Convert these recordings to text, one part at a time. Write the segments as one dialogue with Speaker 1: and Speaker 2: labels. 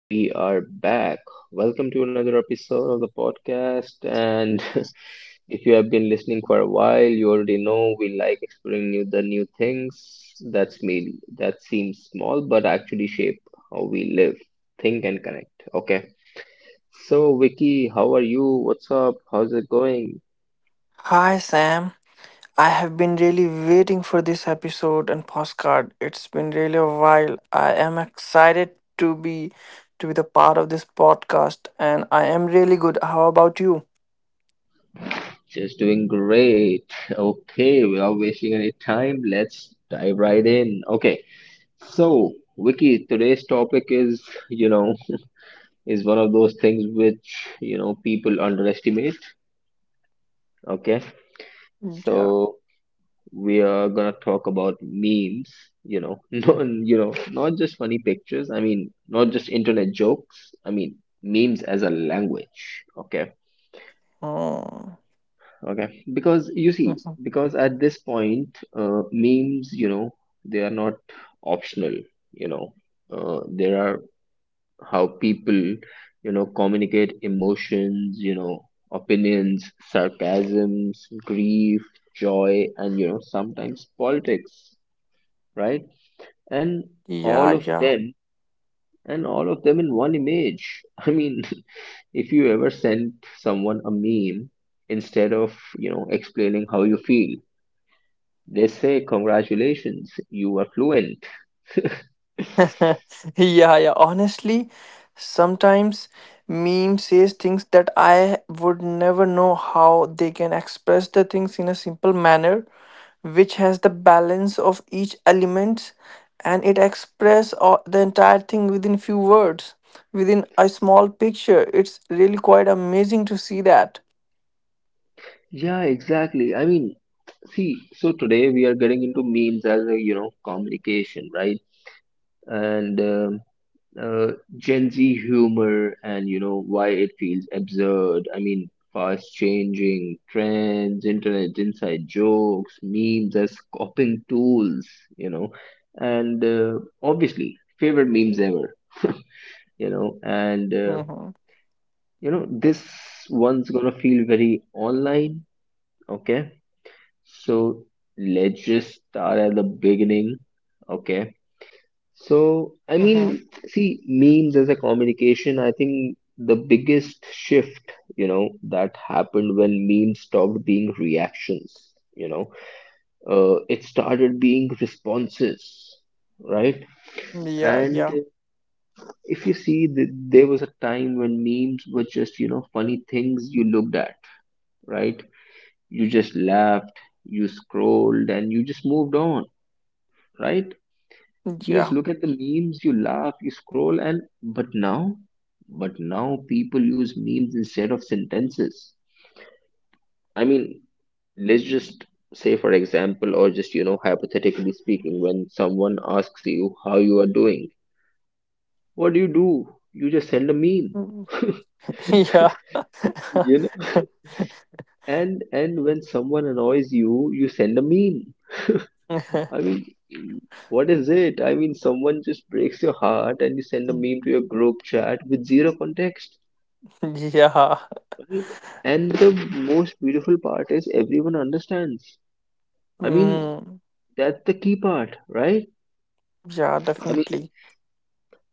Speaker 1: We are back. Welcome to another episode of the podcast. And if you have been listening for a while, you already know we like exploring new the new things that seems small but actually shape how we live, think and connect. Okay. So Vicky, how are you? What's up? How's it going?
Speaker 2: Hi Sam, I have been really waiting for this episode and postcard. It's been really a while. I am excited to be to be the part of this podcast and I am really good. How about you?
Speaker 1: Just doing great. Okay, without wasting any time, let's dive right in. Okay. So, Vicky, today's topic is, you know, is one of those things which, people underestimate. Okay.
Speaker 2: Yeah.
Speaker 1: So we are gonna talk about memes, no, not just funny pictures. I mean, not just internet jokes. I mean, memes as a language. Okay.
Speaker 2: Hmm.
Speaker 1: Okay. Because you see,
Speaker 2: Mhm.
Speaker 1: because at this point, memes, they are not optional, you know, there are how people you know communicate emotions, you know, opinions, sarcasms, grief, joy, and you know sometimes politics, right? And
Speaker 2: Yeah,
Speaker 1: all of
Speaker 2: yeah.
Speaker 1: them, and all of them in one image. I mean, if you ever sent someone a meme instead of, you know, explaining how you feel, they say congratulations, you are fluent.
Speaker 2: yeah, yeah. Honestly, sometimes meme says things that I would never know how they can express the things in a simple manner, which has the balance of each element, and it express all, the entire thing within few words, within a small picture. It's really quite amazing to see that.
Speaker 1: Yeah, exactly. I mean, see, so today we are getting into memes as a, you know, communication, right? And Gen Z humor and, you know, why it feels absurd. I mean, fast changing trends, internet inside jokes, memes as coping tools, you know, and obviously, favorite memes ever, you know, and, uh,
Speaker 2: Mm-hmm.
Speaker 1: you know, this one's gonna feel very online, okay? So let's just start at the beginning. Okay. So, I
Speaker 2: Mm-hmm.
Speaker 1: mean, see, memes as a communication, I think the biggest shift, you know, that happened when memes stopped being reactions, you know, it started being responses, right?
Speaker 2: Yeah,
Speaker 1: And
Speaker 2: yeah,
Speaker 1: if you see, th there was a time when memes were just, you know, funny things you looked at, right? You just laughed, you scrolled, and you just moved on, right? You just
Speaker 2: yeah,
Speaker 1: look at the memes, you laugh, you scroll, and but now people use memes instead of sentences. I mean, let's just say, for example, or just, you know, hypothetically speaking, when someone asks you how you are doing, what do? You just send a meme.
Speaker 2: yeah.
Speaker 1: You know, and when someone annoys you, you send a meme. I mean, what is it, I mean someone just breaks your heart and you send a meme to your group chat with zero context.
Speaker 2: yeah.
Speaker 1: Right? And the most beautiful part is everyone understands. I mean,
Speaker 2: Mm,
Speaker 1: that's the key part, right?
Speaker 2: yeah,
Speaker 1: I mean,
Speaker 2: definitely.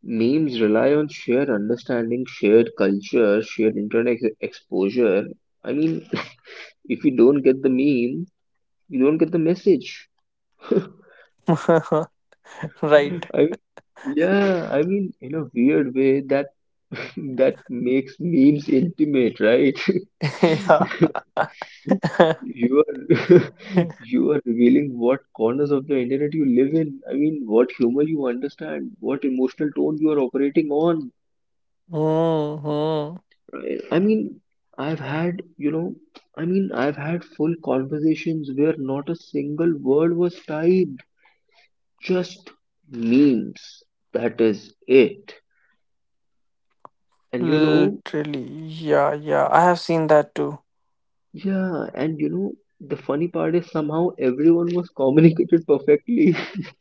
Speaker 1: memes rely on shared understanding, shared culture, shared internet exposure. I mean, if you don't get the meme, you don't get the message.
Speaker 2: Right.
Speaker 1: I Yeah, I mean, in a weird way, that that makes memes intimate, right?
Speaker 2: Yeah.
Speaker 1: You are you are revealing what corners of the internet you live in. I mean, what humor you understand, what emotional tone you are operating on.
Speaker 2: Mm-hmm.
Speaker 1: I mean, I've had, you know, I mean, I've had full conversations where not a single word was typed, just memes. That is it. And you know,
Speaker 2: Literally. Yeah, yeah. I have seen that too.
Speaker 1: yeah, and you know, the funny part is somehow everyone was communicated perfectly.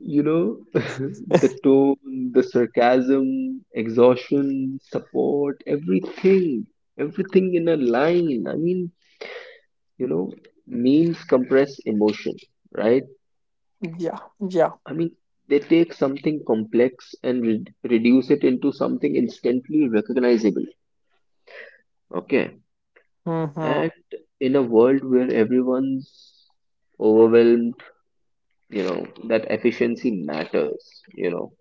Speaker 1: You know, the tone, the sarcasm, exhaustion, support, everything, everything in a line. I mean, you know, memes compress emotion, right?
Speaker 2: Yeah, yeah.
Speaker 1: I mean, they take something complex and reduce it into something instantly recognizable. Okay.
Speaker 2: Mm-hmm.
Speaker 1: And in a world where everyone's overwhelmed, you know, that efficiency matters, you know.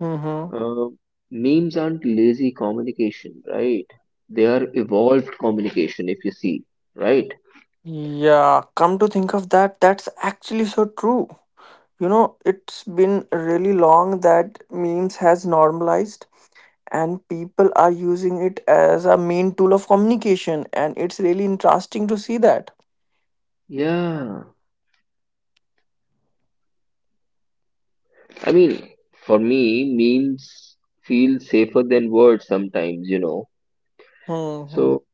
Speaker 2: Mm-hmm.
Speaker 1: Uh, Memes aren't lazy communication, right? They are evolved communication, if you see, right?
Speaker 2: Yeah, come to think of that, that's actually so true. You know, it's been really long that memes has normalized and people are using it as a main tool of communication and it's really interesting to see that.
Speaker 1: Yeah. I mean, for me, memes feel safer than words sometimes, you know.
Speaker 2: Hmm.
Speaker 1: So,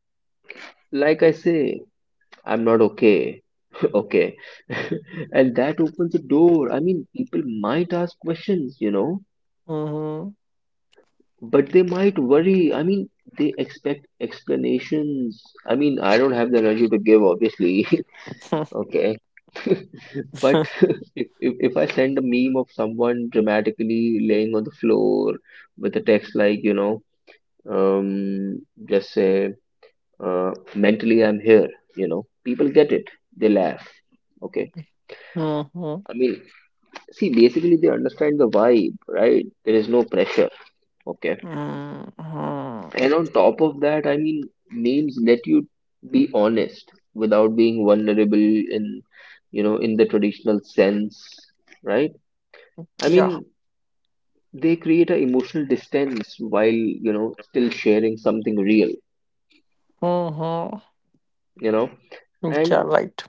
Speaker 1: like I say, I'm not okay. Okay. And that opens a door. I mean, people might ask questions, you know,
Speaker 2: Mhm.
Speaker 1: but they might worry. I mean, they expect explanations. I mean, I don't have the energy to give, obviously. Okay. But if I send a meme of someone dramatically laying on the floor with a text like, you know, um, just say, mentally I'm here, you know, people get it. They laugh. Okay.
Speaker 2: Mhm.
Speaker 1: I mean, see, basically they understand the vibe, right? There is no pressure. Okay.
Speaker 2: Mhm.
Speaker 1: And on top of that, I mean, memes let you be honest without being vulnerable in, you know, in the traditional sense, right? I
Speaker 2: Yeah.
Speaker 1: mean, they create an emotional distance while, you know, still sharing something real,
Speaker 2: Mhm.
Speaker 1: you know.
Speaker 2: Yeah,
Speaker 1: and
Speaker 2: right.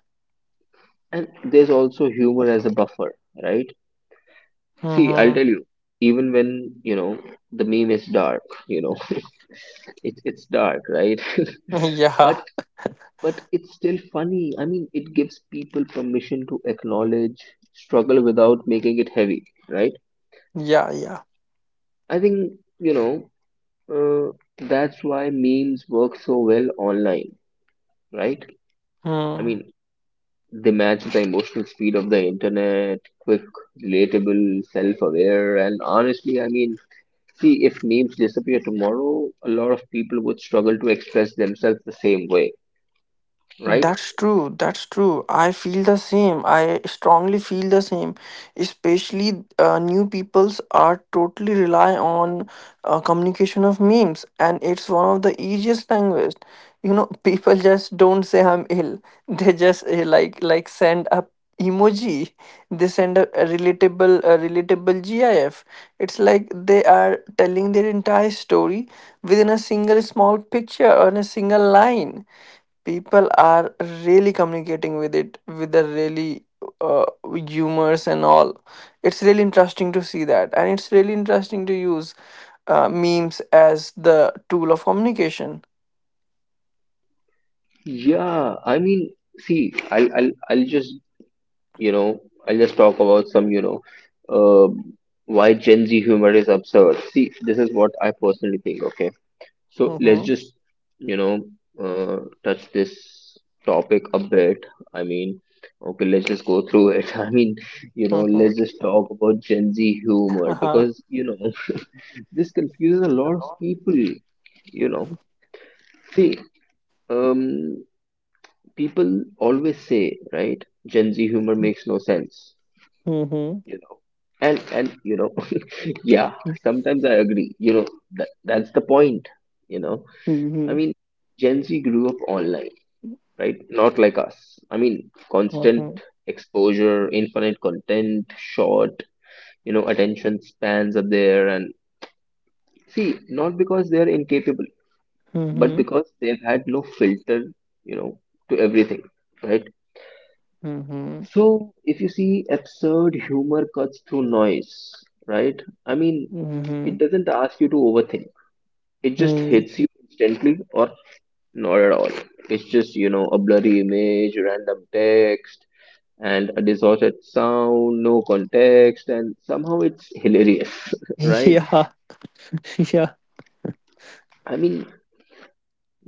Speaker 1: and there's also humor as a buffer, right? See, I'll
Speaker 2: Mhm.
Speaker 1: tell you, even when, you know, the meme is dark, you know, it's dark, right?
Speaker 2: Yeah.
Speaker 1: but but it's still funny. I mean, it gives people permission to acknowledge struggle without making it heavy, right?
Speaker 2: Yeah, yeah.
Speaker 1: I think, you know, uh, that's why memes work so well online, right? I
Speaker 2: Hmm.
Speaker 1: mean, they match the emotional speed of the internet, quick, relatable, self-aware, and honestly, I mean, see, if memes disappear tomorrow, a lot of people would struggle to express themselves the same way, right?
Speaker 2: That's true. That's true. I feel the same. I strongly feel the same. Especially new peoples are totally rely on communication of memes, and it's one of the easiest language. You know, people just don't say I'm ill. They just send a emoji. They send a, a relatable GIF. It's like they are telling their entire story within a single small picture or in a single line. People are really communicating with it with the really uh, humors and all. It's really interesting to see that and it's really interesting to use memes as the tool of communication.
Speaker 1: Yeah, I mean, see, I'll just, you know, I'll just talk about some, you know, uh, why Gen Z humor is absurd. See, this is what I personally think, okay? So let's
Speaker 2: Mm-hmm.
Speaker 1: just, you know, touch this topic a bit. I mean, okay, let's just go through it. I mean, you know, let's just talk about Gen Z humor
Speaker 2: Mm-hmm.
Speaker 1: because, you know, this confuses a lot of people, you know. See, um, people always say, right, Gen Z humor makes no sense,
Speaker 2: Mhm.
Speaker 1: you know. And you know, yeah,
Speaker 2: Mhm.
Speaker 1: sometimes I agree. You know, that that's the point, you know. I
Speaker 2: Mhm.
Speaker 1: mean, Gen Z grew up online, right? Not like us. I mean, constant exposure, infinite content, short, you know, attention spans are there. And see, not because they are incapable, but
Speaker 2: Mhm.
Speaker 1: because they've had no filter, you know, to everything, right?
Speaker 2: Mhm.
Speaker 1: So if you see absurd humor cuts through noise, right? I mean, it
Speaker 2: Mhm.
Speaker 1: doesn't ask you to overthink. It just
Speaker 2: Mm.
Speaker 1: hits you instantly or not at all. It's just, you know, a blurry image, random text, and a distorted sound, no context, and somehow it's hilarious, right?
Speaker 2: Yeah. Yeah.
Speaker 1: I mean,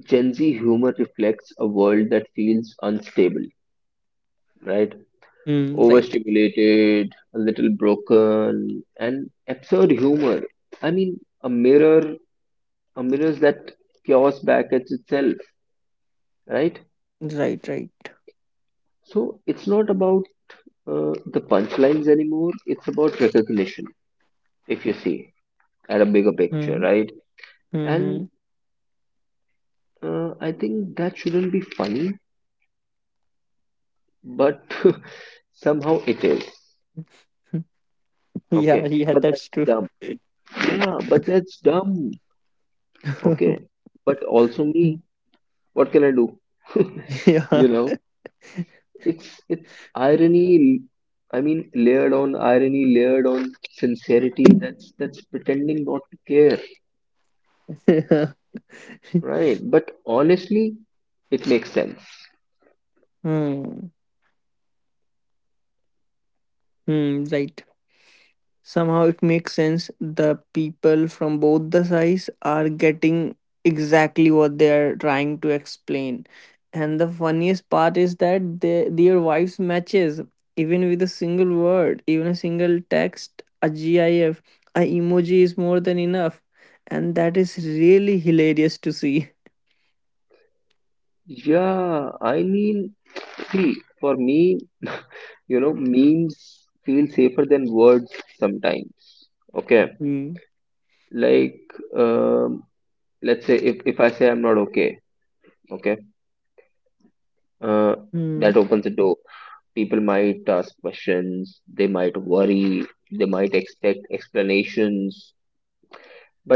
Speaker 1: Gen Z humor reflects a world that feels unstable, right?
Speaker 2: Mm. Right.
Speaker 1: Overstimulated, a little broken, and absurd humor. I mean, a mirror, a mirrors that chaos back at itself, right?
Speaker 2: Right. Right.
Speaker 1: So it's not about the punchlines anymore. It's about recognition, if you see, at a bigger picture,
Speaker 2: Mm.
Speaker 1: right? And
Speaker 2: Mhm.
Speaker 1: I think that shouldn't be funny, but somehow it is.
Speaker 2: Yeah.
Speaker 1: Okay,
Speaker 2: Yeah.
Speaker 1: but
Speaker 2: That's
Speaker 1: that's
Speaker 2: true.
Speaker 1: dumb. Yeah, but that's dumb. Okay, but also me. What can I do? You
Speaker 2: yeah.
Speaker 1: know, it's irony. I mean, layered on irony, layered on sincerity. That's pretending not to care,
Speaker 2: hmm.
Speaker 1: right? But honestly, it makes sense.
Speaker 2: Hmm, right. Somehow it makes sense. The people from both the sides are getting exactly what they are trying to explain. And the funniest part is that their wives matches even with a single word, even a single text, a GIF, a emoji is more than enough. And that is really hilarious to see.
Speaker 1: Yeah, I mean, see, for me, you know, memes feel safer than words sometimes, okay,
Speaker 2: Hmm.
Speaker 1: like, um, let's say if I say I'm not okay, okay, uh,
Speaker 2: Hmm.
Speaker 1: that opens the door. People might ask questions, they might worry, they might expect explanations,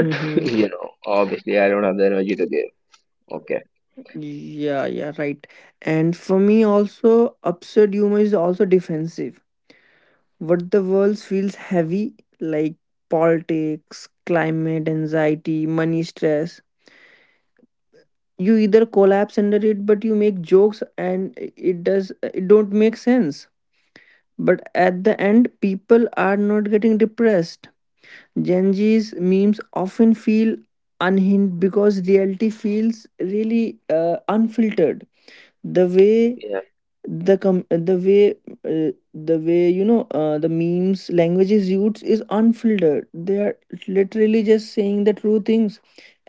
Speaker 2: Hmm. Hmm.
Speaker 1: you know obviously I don't have the energy to give. Okay.
Speaker 2: Yeah, yeah, right. And for me, also, absurd humor is also defensive. What the world feels heavy, like politics, climate, anxiety, money stress. You either collapse under it, but you make jokes, and it does it don't make sense. But at the end, people are not getting depressed. Gen Z's memes often feel unhinged because reality feels really unfiltered. The way
Speaker 1: Yeah.
Speaker 2: the com- uh, the way you know the memes languages used is unfiltered. They are literally just saying the true things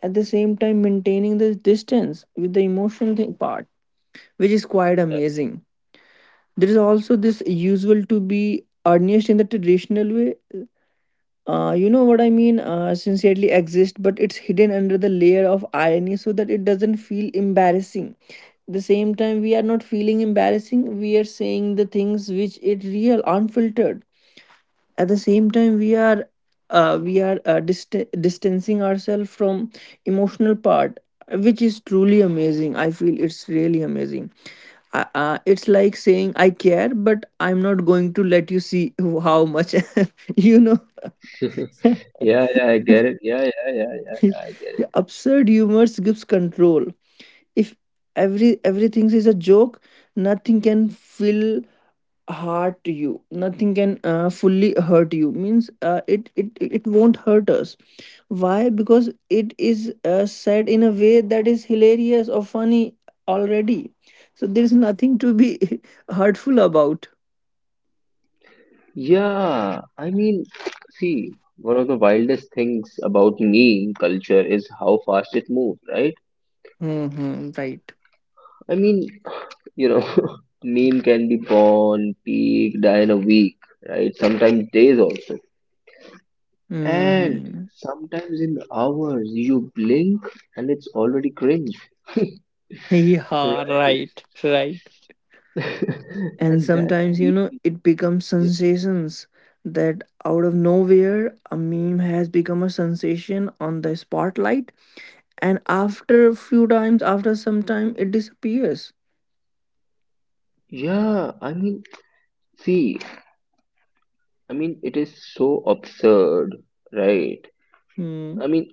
Speaker 2: at the same time maintaining the distance with the emotional thing part, which is quite amazing. There is also this usual to be earnest in the traditional way. You know what I mean? Sincerely exists but it's hidden under the layer of irony so that it doesn't feel embarrassing. The same time we are not feeling embarrassing, we are saying the things which it real unfiltered. At the same time distancing ourselves from emotional part, which is truly amazing. I feel it's really amazing. It's like saying I care but I'm not going to let you see how much. You know.
Speaker 1: Yeah. Yeah, I get it. Yeah, I get it.
Speaker 2: The absurd humor gives control. If everything is a joke, nothing can fill hurt you. Nothing can fully hurt you. Means it won't hurt us. Why? Because it is said in a way that is hilarious or funny already, so there is nothing to be hurtful about.
Speaker 1: Yeah, I mean, see, one of the wildest things about meme culture is how fast it moves, right?
Speaker 2: Mm-hmm, right.
Speaker 1: I mean, you know, meme can be born, peak, die in a week, right? Sometimes days also. And
Speaker 2: Mm-hmm.
Speaker 1: sometimes in hours, you blink and it's already cringe.
Speaker 2: Yeah,
Speaker 1: Right.
Speaker 2: right, right. And
Speaker 1: And that's
Speaker 2: sometimes you
Speaker 1: the,
Speaker 2: know it becomes
Speaker 1: yeah,
Speaker 2: sensations. That out of nowhere a meme has become a sensation on the spotlight, and after a few times after some time it disappears.
Speaker 1: yeah, I mean, see, I mean, it is so absurd, right? I
Speaker 2: Hmm.
Speaker 1: mean,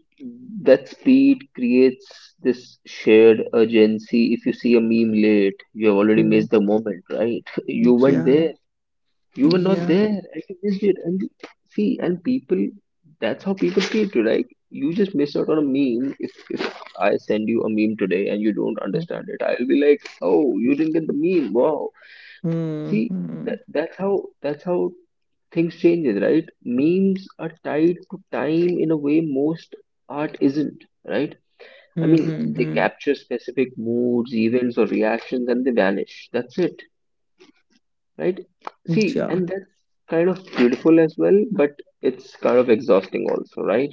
Speaker 1: that speed creates this shared urgency. If you see a meme late, you have already
Speaker 2: Hmm,
Speaker 1: missed the moment, right? You weren't
Speaker 2: yeah,
Speaker 1: there. You were not
Speaker 2: yeah.
Speaker 1: there, and you missed it. See, and people, that's how people treat you. Like you just miss out on a meme. If I send you a meme today and you don't
Speaker 2: Hmm.
Speaker 1: understand it, I'll be like, oh, you didn't get the meme. Wow. See, that
Speaker 2: Hmm.
Speaker 1: that's how that's how things changes, right? Memes are tied to time in a way most art isn't, right? I
Speaker 2: Hmm.
Speaker 1: mean,
Speaker 2: Hmm.
Speaker 1: they
Speaker 2: Hmm.
Speaker 1: capture specific moods, events, or reactions, and they vanish. That's it, right? See,
Speaker 2: Yeah.
Speaker 1: and that's kind of beautiful as well, but it's kind of exhausting also, right?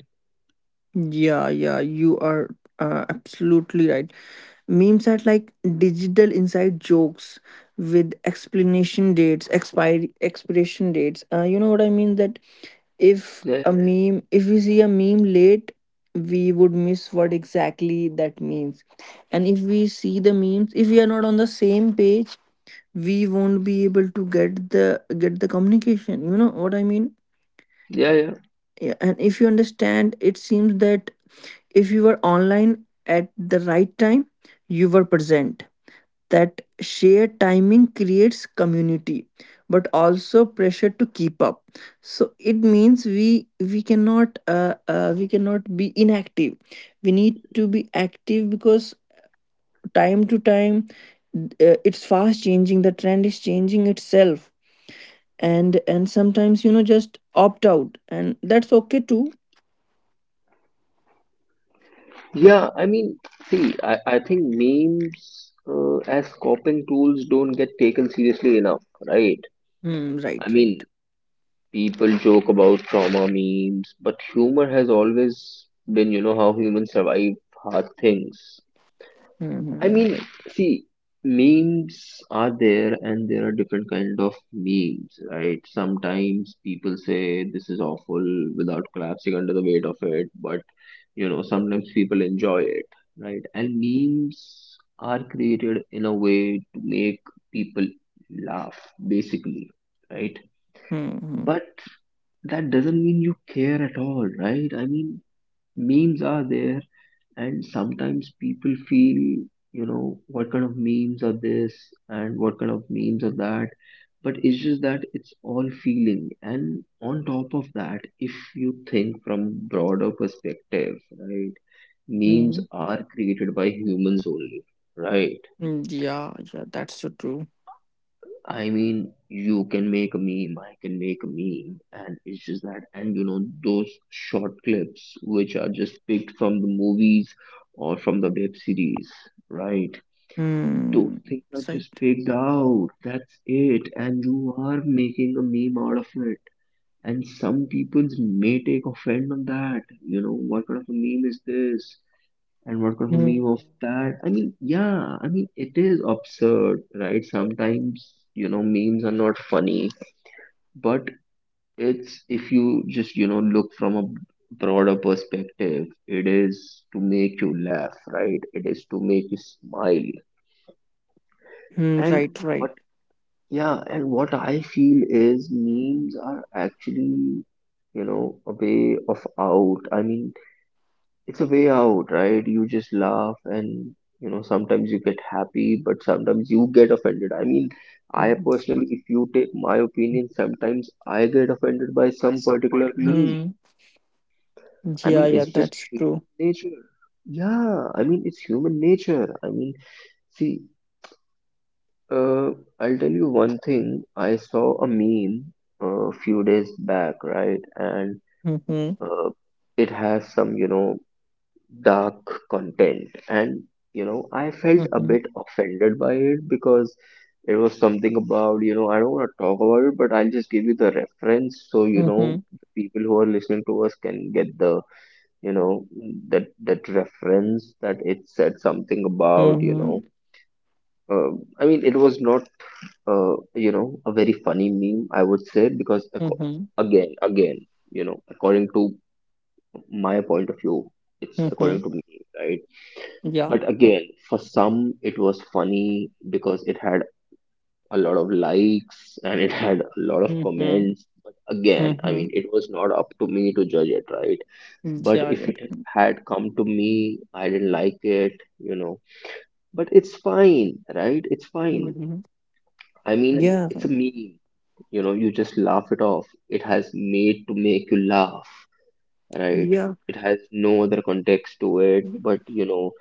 Speaker 2: Yeah, yeah, you are absolutely right. Memes are like digital inside jokes with explanation dates expiry expiration dates. You know what I mean? That if
Speaker 1: Yeah,
Speaker 2: a meme, if we see a meme late, we would miss what exactly that means. And if we see the memes, if we are not on the same page, we won't be able to get the communication. You know what I mean?
Speaker 1: yeah, yeah.
Speaker 2: Yeah, and if you understand, it seems that if you were online at the right time, you were present. That shared timing creates community but also pressure to keep up. So it means we cannot be inactive. We need to be active because time to time it's fast changing. The trend is changing itself. And sometimes you know just opt out, and that's okay too.
Speaker 1: Yeah, I mean, see, I think memes as coping tools don't get taken seriously enough, right?
Speaker 2: Hmm,
Speaker 1: I
Speaker 2: right, right.
Speaker 1: mean, people joke about trauma memes, but humor has always been, you know, how humans survive hard things. I
Speaker 2: Hmm,
Speaker 1: mean,
Speaker 2: right.
Speaker 1: see, memes are there and there are different kind of memes, right? Sometimes people say this is awful without collapsing under the weight of it, but you know, sometimes people enjoy it, right? And memes are created in a way to make people laugh, basically, right?
Speaker 2: Hmm. Hmm.
Speaker 1: But that doesn't mean you care at all, right? I mean, memes are there, and sometimes people feel, what kind of memes are this and what kind of memes are that. But it's just that it's all feeling. And on top of that, if you think from broader perspective, right, memes
Speaker 2: Hmm.
Speaker 1: are created by humans only, right?
Speaker 2: Mm. Yeah, yeah, that's so true.
Speaker 1: I mean, you can make a meme, I can make a meme, and it's just that, and those short clips which are just picked from the movies or from the web series, right? Those
Speaker 2: Hmm.
Speaker 1: things are
Speaker 2: Right.
Speaker 1: just picked out, that's it, and you are making a meme out of it. And some people may take offense on that, what kind of a meme is this? And what could be
Speaker 2: Mm.
Speaker 1: of that? I mean, yeah, I mean, it is absurd, right? Sometimes memes are not funny, but it's, if you just look from a broader perspective, it is to make you laugh, right? It is to make you smile.
Speaker 2: Mm,
Speaker 1: And
Speaker 2: right,
Speaker 1: what
Speaker 2: right.
Speaker 1: Yeah, and what I feel is memes are actually, you know a way of out I mean, it's a way out, right? You just laugh and sometimes you get happy, but sometimes you get offended. I mean, I
Speaker 2: Mhm.
Speaker 1: personally, if you take my opinion, sometimes I get offended by some particular meme.
Speaker 2: Mm,
Speaker 1: I
Speaker 2: yeah,
Speaker 1: mean,
Speaker 2: yeah,
Speaker 1: it's just
Speaker 2: that's
Speaker 1: human
Speaker 2: true.
Speaker 1: nature. Yeah, I mean, it's human nature. I mean, see, uh, I'll tell you one thing. I saw a meme a few days back, right? And
Speaker 2: Mm-hmm,
Speaker 1: uh, it has some, dark content. And I felt a
Speaker 2: mm-hmm,
Speaker 1: bit offended by it because it was something about, I don't want to talk about it, but I'll just give you the reference so
Speaker 2: mm-hmm,
Speaker 1: the people who are listening to us can get the, you know that reference, that it said something about,
Speaker 2: mm-hmm,
Speaker 1: uh, I mean, it was not, a very funny meme, I would say, because
Speaker 2: mm-hmm,
Speaker 1: again, according to my point of view, it's
Speaker 2: mm-hmm.
Speaker 1: according to me, right?
Speaker 2: Yeah.
Speaker 1: But again, for some, it was funny because it had a lot of likes and it had a lot of
Speaker 2: Mm-hmm,
Speaker 1: comments. But again, I
Speaker 2: mm-hmm.
Speaker 1: mean, it was not up to me to judge it, right? But
Speaker 2: Yeah,
Speaker 1: if
Speaker 2: yeah.
Speaker 1: it had come to me, I didn't like it, you know. But it's fine, right? It's fine.
Speaker 2: Mm-hmm.
Speaker 1: I mean,
Speaker 2: Yeah,
Speaker 1: it's a meme, you just laugh it off. It has made to make you laugh, right?
Speaker 2: yeah.
Speaker 1: It has no other context to it, but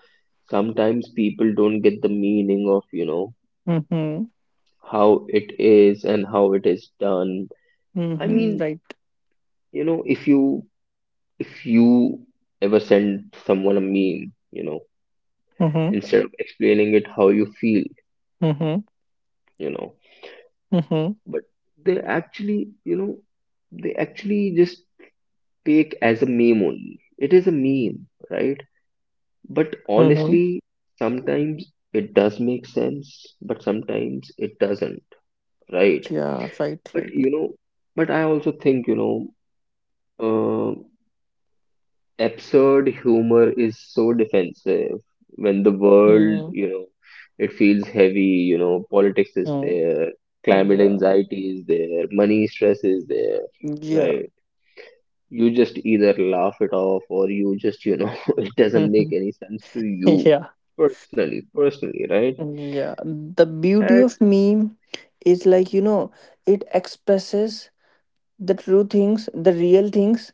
Speaker 1: sometimes people don't get the meaning of,
Speaker 2: Mm-hmm,
Speaker 1: how it is and how it is done. I
Speaker 2: mm-hmm,
Speaker 1: mean,
Speaker 2: right.
Speaker 1: if you if you ever send someone a meme,
Speaker 2: Mm-hmm,
Speaker 1: instead of explaining it how you feel,
Speaker 2: mm-hmm,
Speaker 1: you know,
Speaker 2: mm-hmm,
Speaker 1: but they actually, they actually just take as a meme only. It is a meme, right? But
Speaker 2: mm-hmm.
Speaker 1: honestly, sometimes it does make sense, but sometimes it doesn't, right?
Speaker 2: Yeah, right,
Speaker 1: But
Speaker 2: right.
Speaker 1: I also think, know, absurd humor is so defensive when the world,
Speaker 2: Mm-hmm.
Speaker 1: it feels heavy, politics is there,
Speaker 2: Yeah,
Speaker 1: climate
Speaker 2: yeah.
Speaker 1: anxiety is there, money stress is there,
Speaker 2: Yeah,
Speaker 1: right? You just either laugh it off or you just, it doesn't make
Speaker 2: Mm-hmm.
Speaker 1: any sense to you
Speaker 2: Yeah.
Speaker 1: personally, personally, right?
Speaker 2: Yeah, the beauty
Speaker 1: And
Speaker 2: of meme is like you know it expresses the true things, the real things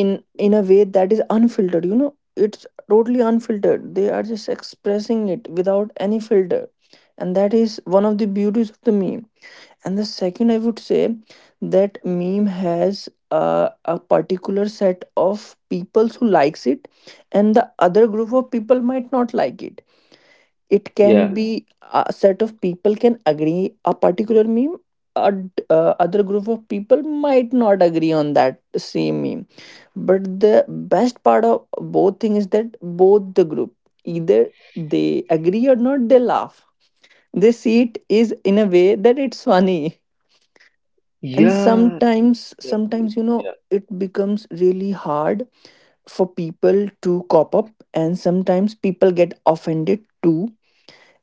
Speaker 2: in a way that is unfiltered. You know, it's totally unfiltered. They are just expressing it without any filter, and that is one of the beauties of the meme. And the second, I would say that meme has a particular set of people who likes it, and the other group of people might not like it. It can
Speaker 1: yeah,
Speaker 2: be a set of people can agree a particular meme. Other group of people might not agree on that same meme. But the best part of both things is that both the group, either they agree or not, they laugh. They see it is in a way that it's funny. And
Speaker 1: yeah, exactly.
Speaker 2: sometimes you know
Speaker 1: Yeah,
Speaker 2: it becomes really hard for people to cop up, and sometimes people get offended too,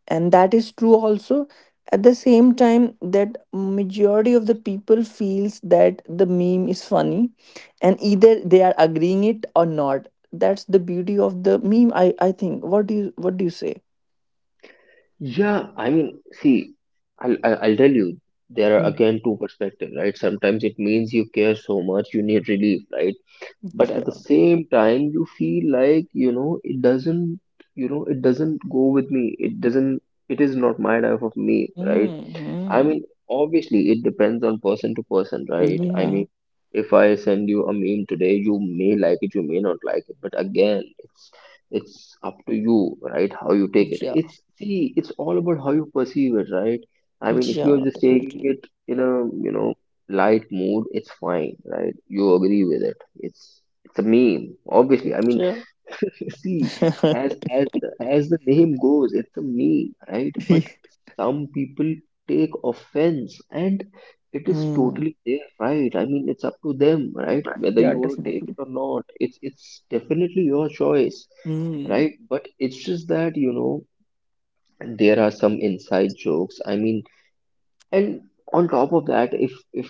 Speaker 2: and that is true also. At the same time that majority of the people feels that the meme is funny, and either they are agreeing it or not, that's the beauty of the meme. I think. What do you say?
Speaker 1: yeah. I mean, see, I'll tell you, there are
Speaker 2: Mm.
Speaker 1: again two perspectives, right? Sometimes it means you care so much, you need relief, right? But at the
Speaker 2: Yeah.
Speaker 1: same time, you feel like, it doesn't, it doesn't go with me. It doesn't, it is not my life of me, right? I
Speaker 2: Hmm.
Speaker 1: mean, obviously, it depends on person to person, right? I
Speaker 2: Yeah,
Speaker 1: mean, if I send you a meme today, you may like it, you may not like it, but again, it's up to you, right? How you take it.
Speaker 2: yeah,
Speaker 1: It's see, it's all about how you perceive it, right? I mean, if
Speaker 2: yeah,
Speaker 1: you're just taking
Speaker 2: definitely.
Speaker 1: it in a, light mood, it's fine, right? You agree with it. It's a meme, obviously. I mean,
Speaker 2: Yeah.
Speaker 1: see, as the name goes, it's a meme, right? But some people take offense, and it is
Speaker 2: Mm.
Speaker 1: totally their right. I mean, it's up to them, right? Whether
Speaker 2: Yeah,
Speaker 1: you want to take it
Speaker 2: definitely.
Speaker 1: or not, it's definitely your choice,
Speaker 2: Mm.
Speaker 1: right? But it's just that, there are some inside jokes. I mean, and on top of that, if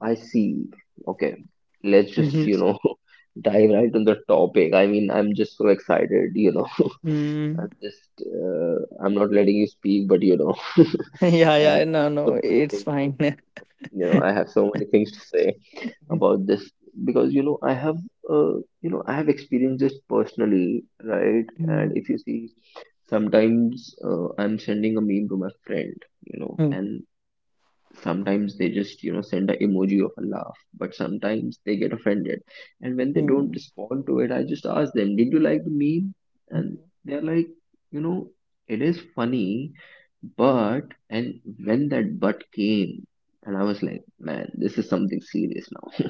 Speaker 1: I see, okay, let's just,
Speaker 2: Mhm.
Speaker 1: dive right on the topic. I mean, I'm just so excited, you know.
Speaker 2: Mm.
Speaker 1: I'm just, I'm not letting you speak, but you know,
Speaker 2: yeah
Speaker 1: I
Speaker 2: yeah
Speaker 1: have
Speaker 2: no
Speaker 1: so
Speaker 2: no,
Speaker 1: many
Speaker 2: it's
Speaker 1: things,
Speaker 2: fine.
Speaker 1: I have so many things to say about this because, I have, I have experienced this personally, right?
Speaker 2: Mm.
Speaker 1: And if you see, sometimes I'm sending a meme to my friend, and sometimes they just send an emoji of a laugh, but sometimes they get offended. And when they don't
Speaker 2: Mhm.
Speaker 1: respond to it, I just ask them, did you like the meme? And
Speaker 2: Mhm.
Speaker 1: they're like, you know it is funny, but, and when that but came, and I was like, man, this is something serious now.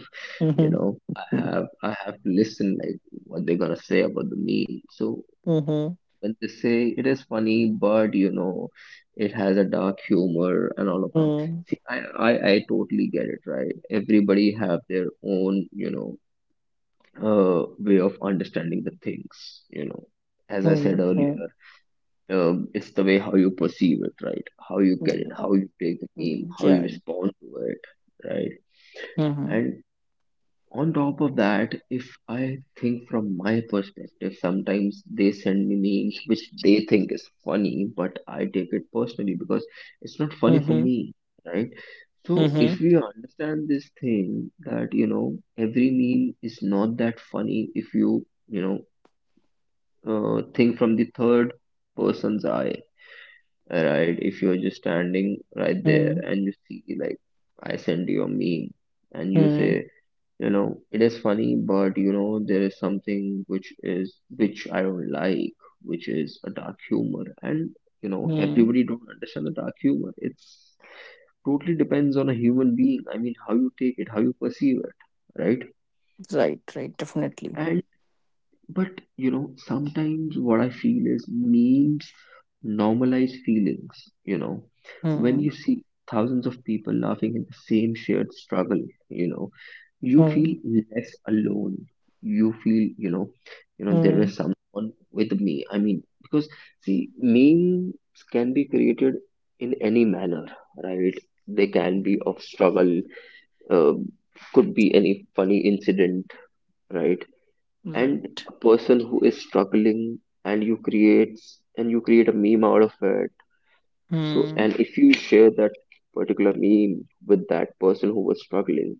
Speaker 2: Mhm.
Speaker 1: I have to listen like what they're gonna say about the meme. So
Speaker 2: Mhm.
Speaker 1: when they say it is funny, but it has a dark humor and all of that.
Speaker 2: Mhm.
Speaker 1: See, I totally get it, right? Everybody have their own, way of understanding the things, you know. As I said
Speaker 2: Mhm.
Speaker 1: earlier, it's the way how you perceive it, right? How you get it,
Speaker 2: Mhm. Yep.
Speaker 1: how you take the meme,
Speaker 2: Mhm.
Speaker 1: how you
Speaker 2: Yeah.
Speaker 1: respond to it, right?
Speaker 2: Mhm.
Speaker 1: And on top of that, if I think from my perspective, sometimes they send me memes which they think is funny, but I take it personally because it's not funny for
Speaker 2: Mhm.
Speaker 1: me, right? So if
Speaker 2: Mhm.
Speaker 1: we understand this thing, that every meme is not that funny. If you, you know think from the third person's eye, right? If you're just standing right there
Speaker 2: Mhm.
Speaker 1: and you see like, I send you a meme and you
Speaker 2: Mhm.
Speaker 1: say, it is funny, but there is something which is, which I don't like, which is a dark humor. And
Speaker 2: Mhm.
Speaker 1: everybody don't understand the dark humor. It's totally depends on a human being. I mean, how you take it, how you perceive it, right?
Speaker 2: Right, right, definitely.
Speaker 1: And but sometimes what I feel is memes normalize feelings. You know, when
Speaker 2: Mhm.
Speaker 1: you see thousands of people laughing at the same shared struggle, you know, you feel
Speaker 2: Mhm.
Speaker 1: less alone. You feel, there
Speaker 2: Mhm.
Speaker 1: is someone with me. I mean, because see, memes can be created in any manner, right? They can be of struggle, uh, could be any funny incident, right? And
Speaker 2: Right.
Speaker 1: a person who is struggling, and you create a meme out of it. So,
Speaker 2: Mhm.
Speaker 1: and if you share that particular meme with that person who was struggling,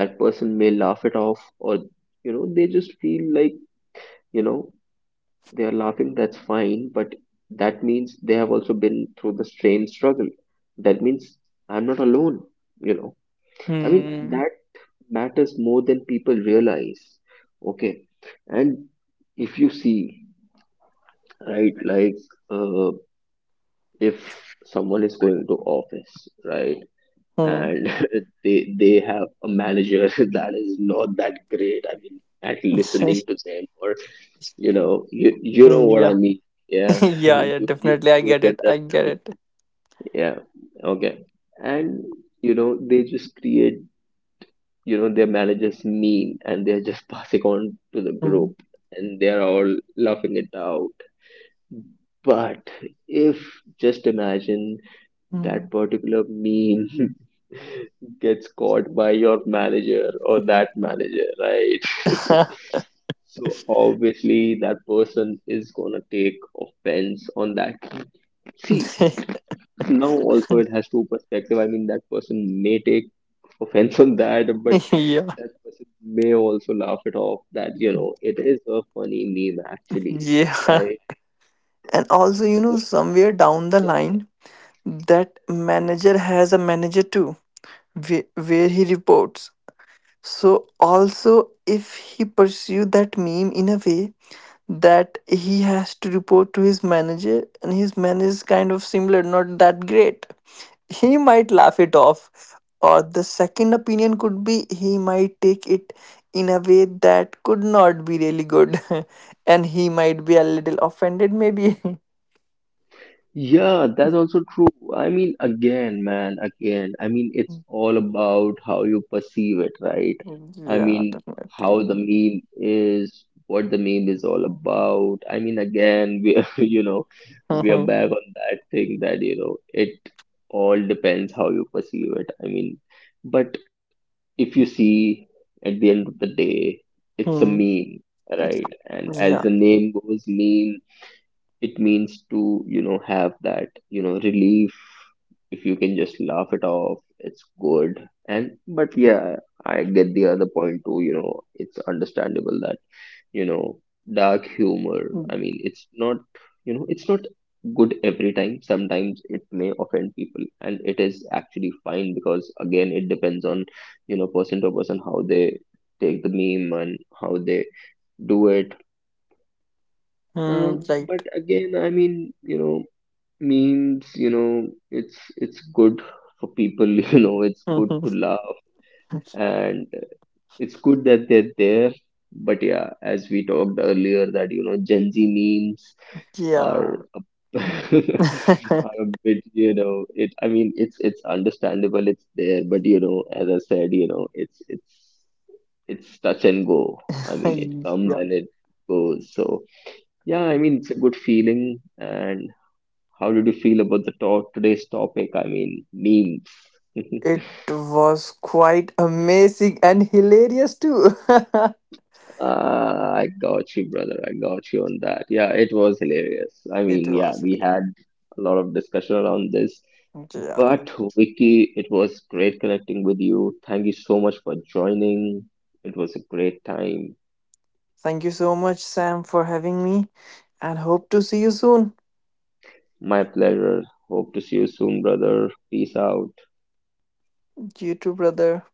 Speaker 1: that person may laugh it off, or they just feel like, you know they are laughing, that's fine, but that means they have also been through the same struggle. That means I'm not alone, you know. I mean,
Speaker 2: Mhm.
Speaker 1: that matters more than people realize. Okay. And if you see, right, like, uh, if someone is going to office, right, and they have a manager that is not that great, I mean, at
Speaker 2: Mhm.
Speaker 1: listening to them, or you know what I
Speaker 2: Yeah.
Speaker 1: mean. Yeah,
Speaker 2: Yeah, yeah, definitely. I
Speaker 1: you
Speaker 2: get
Speaker 1: get
Speaker 2: it.
Speaker 1: that
Speaker 2: I
Speaker 1: with
Speaker 2: get
Speaker 1: me.
Speaker 2: it.
Speaker 1: Yeah. Okay. And they just create, their manager's meme, and they're just passing on to the
Speaker 2: Mhm.
Speaker 1: group, and they're all laughing it out. But if just imagine that
Speaker 2: Mhm.
Speaker 1: particular meme gets caught by your manager, or that manager, right? So obviously that person is gonna take offense on that. See, now also it has two perspective. I mean, that person may take offense on that, but
Speaker 2: Yeah.
Speaker 1: that person may also laugh it off, that, it is a funny meme actually,
Speaker 2: Yeah.
Speaker 1: right?
Speaker 2: And also, you know,
Speaker 1: So
Speaker 2: somewhere down the
Speaker 1: yeah.
Speaker 2: line, that manager has a manager too, where he reports. So also if he pursue that meme in a way that he has to report to his manager and his manager is kind of similar not that great, he might laugh it off, or the second opinion could be he might take it in a way that could not be really good, and he might be a little offended maybe.
Speaker 1: Yeah, that's also true. I mean, again, man, again, I mean, it's all about how you perceive it, right? I
Speaker 2: Yeah,
Speaker 1: mean,
Speaker 2: definitely.
Speaker 1: how the meme is, what the meme is all about. I mean, again, we are, we are back on that thing that, it all depends how you perceive it. I mean, but if you see, at the end of the day, it's a meme, right? And as
Speaker 2: Yeah.
Speaker 1: the name goes, meme, it means to, have that, relief. If you can just laugh it off, it's good. And but yeah, I get the other point too, it's understandable that, you know dark humor, I
Speaker 2: Mm,
Speaker 1: mean, it's not, it's not good every time. Sometimes it may offend people, and it is actually fine because again, it depends on, person to person, how they take the meme and how they do it. uh, but
Speaker 2: right.
Speaker 1: again, I mean, you know means, it's good for people, it's good
Speaker 2: Mhm.
Speaker 1: to laugh. And it's good that they're there. But yeah, as we talked earlier, that, Gen Z memes are
Speaker 2: Yeah.
Speaker 1: a are a bit, it, I mean, it's understandable, it's there, but as I said, it's touch and go. I mean, it comes
Speaker 2: yeah.
Speaker 1: and it goes. So yeah, I mean, it's a good feeling. And how did you feel about the today's topic? I mean, memes.
Speaker 2: It was quite amazing and hilarious too.
Speaker 1: I got you, brother. I got you on that. Yeah, it was hilarious. I
Speaker 2: It
Speaker 1: mean, yeah,
Speaker 2: was
Speaker 1: we
Speaker 2: hilarious.
Speaker 1: had a lot of discussion around this.
Speaker 2: Yeah.
Speaker 1: But Vicky, it was great connecting with you. Thank you so much for joining. It was a great time.
Speaker 2: Thank you so much, Sam, for having me and hope to see you soon.
Speaker 1: My pleasure. Hope to see you soon, brother. Peace out.
Speaker 2: You too, brother.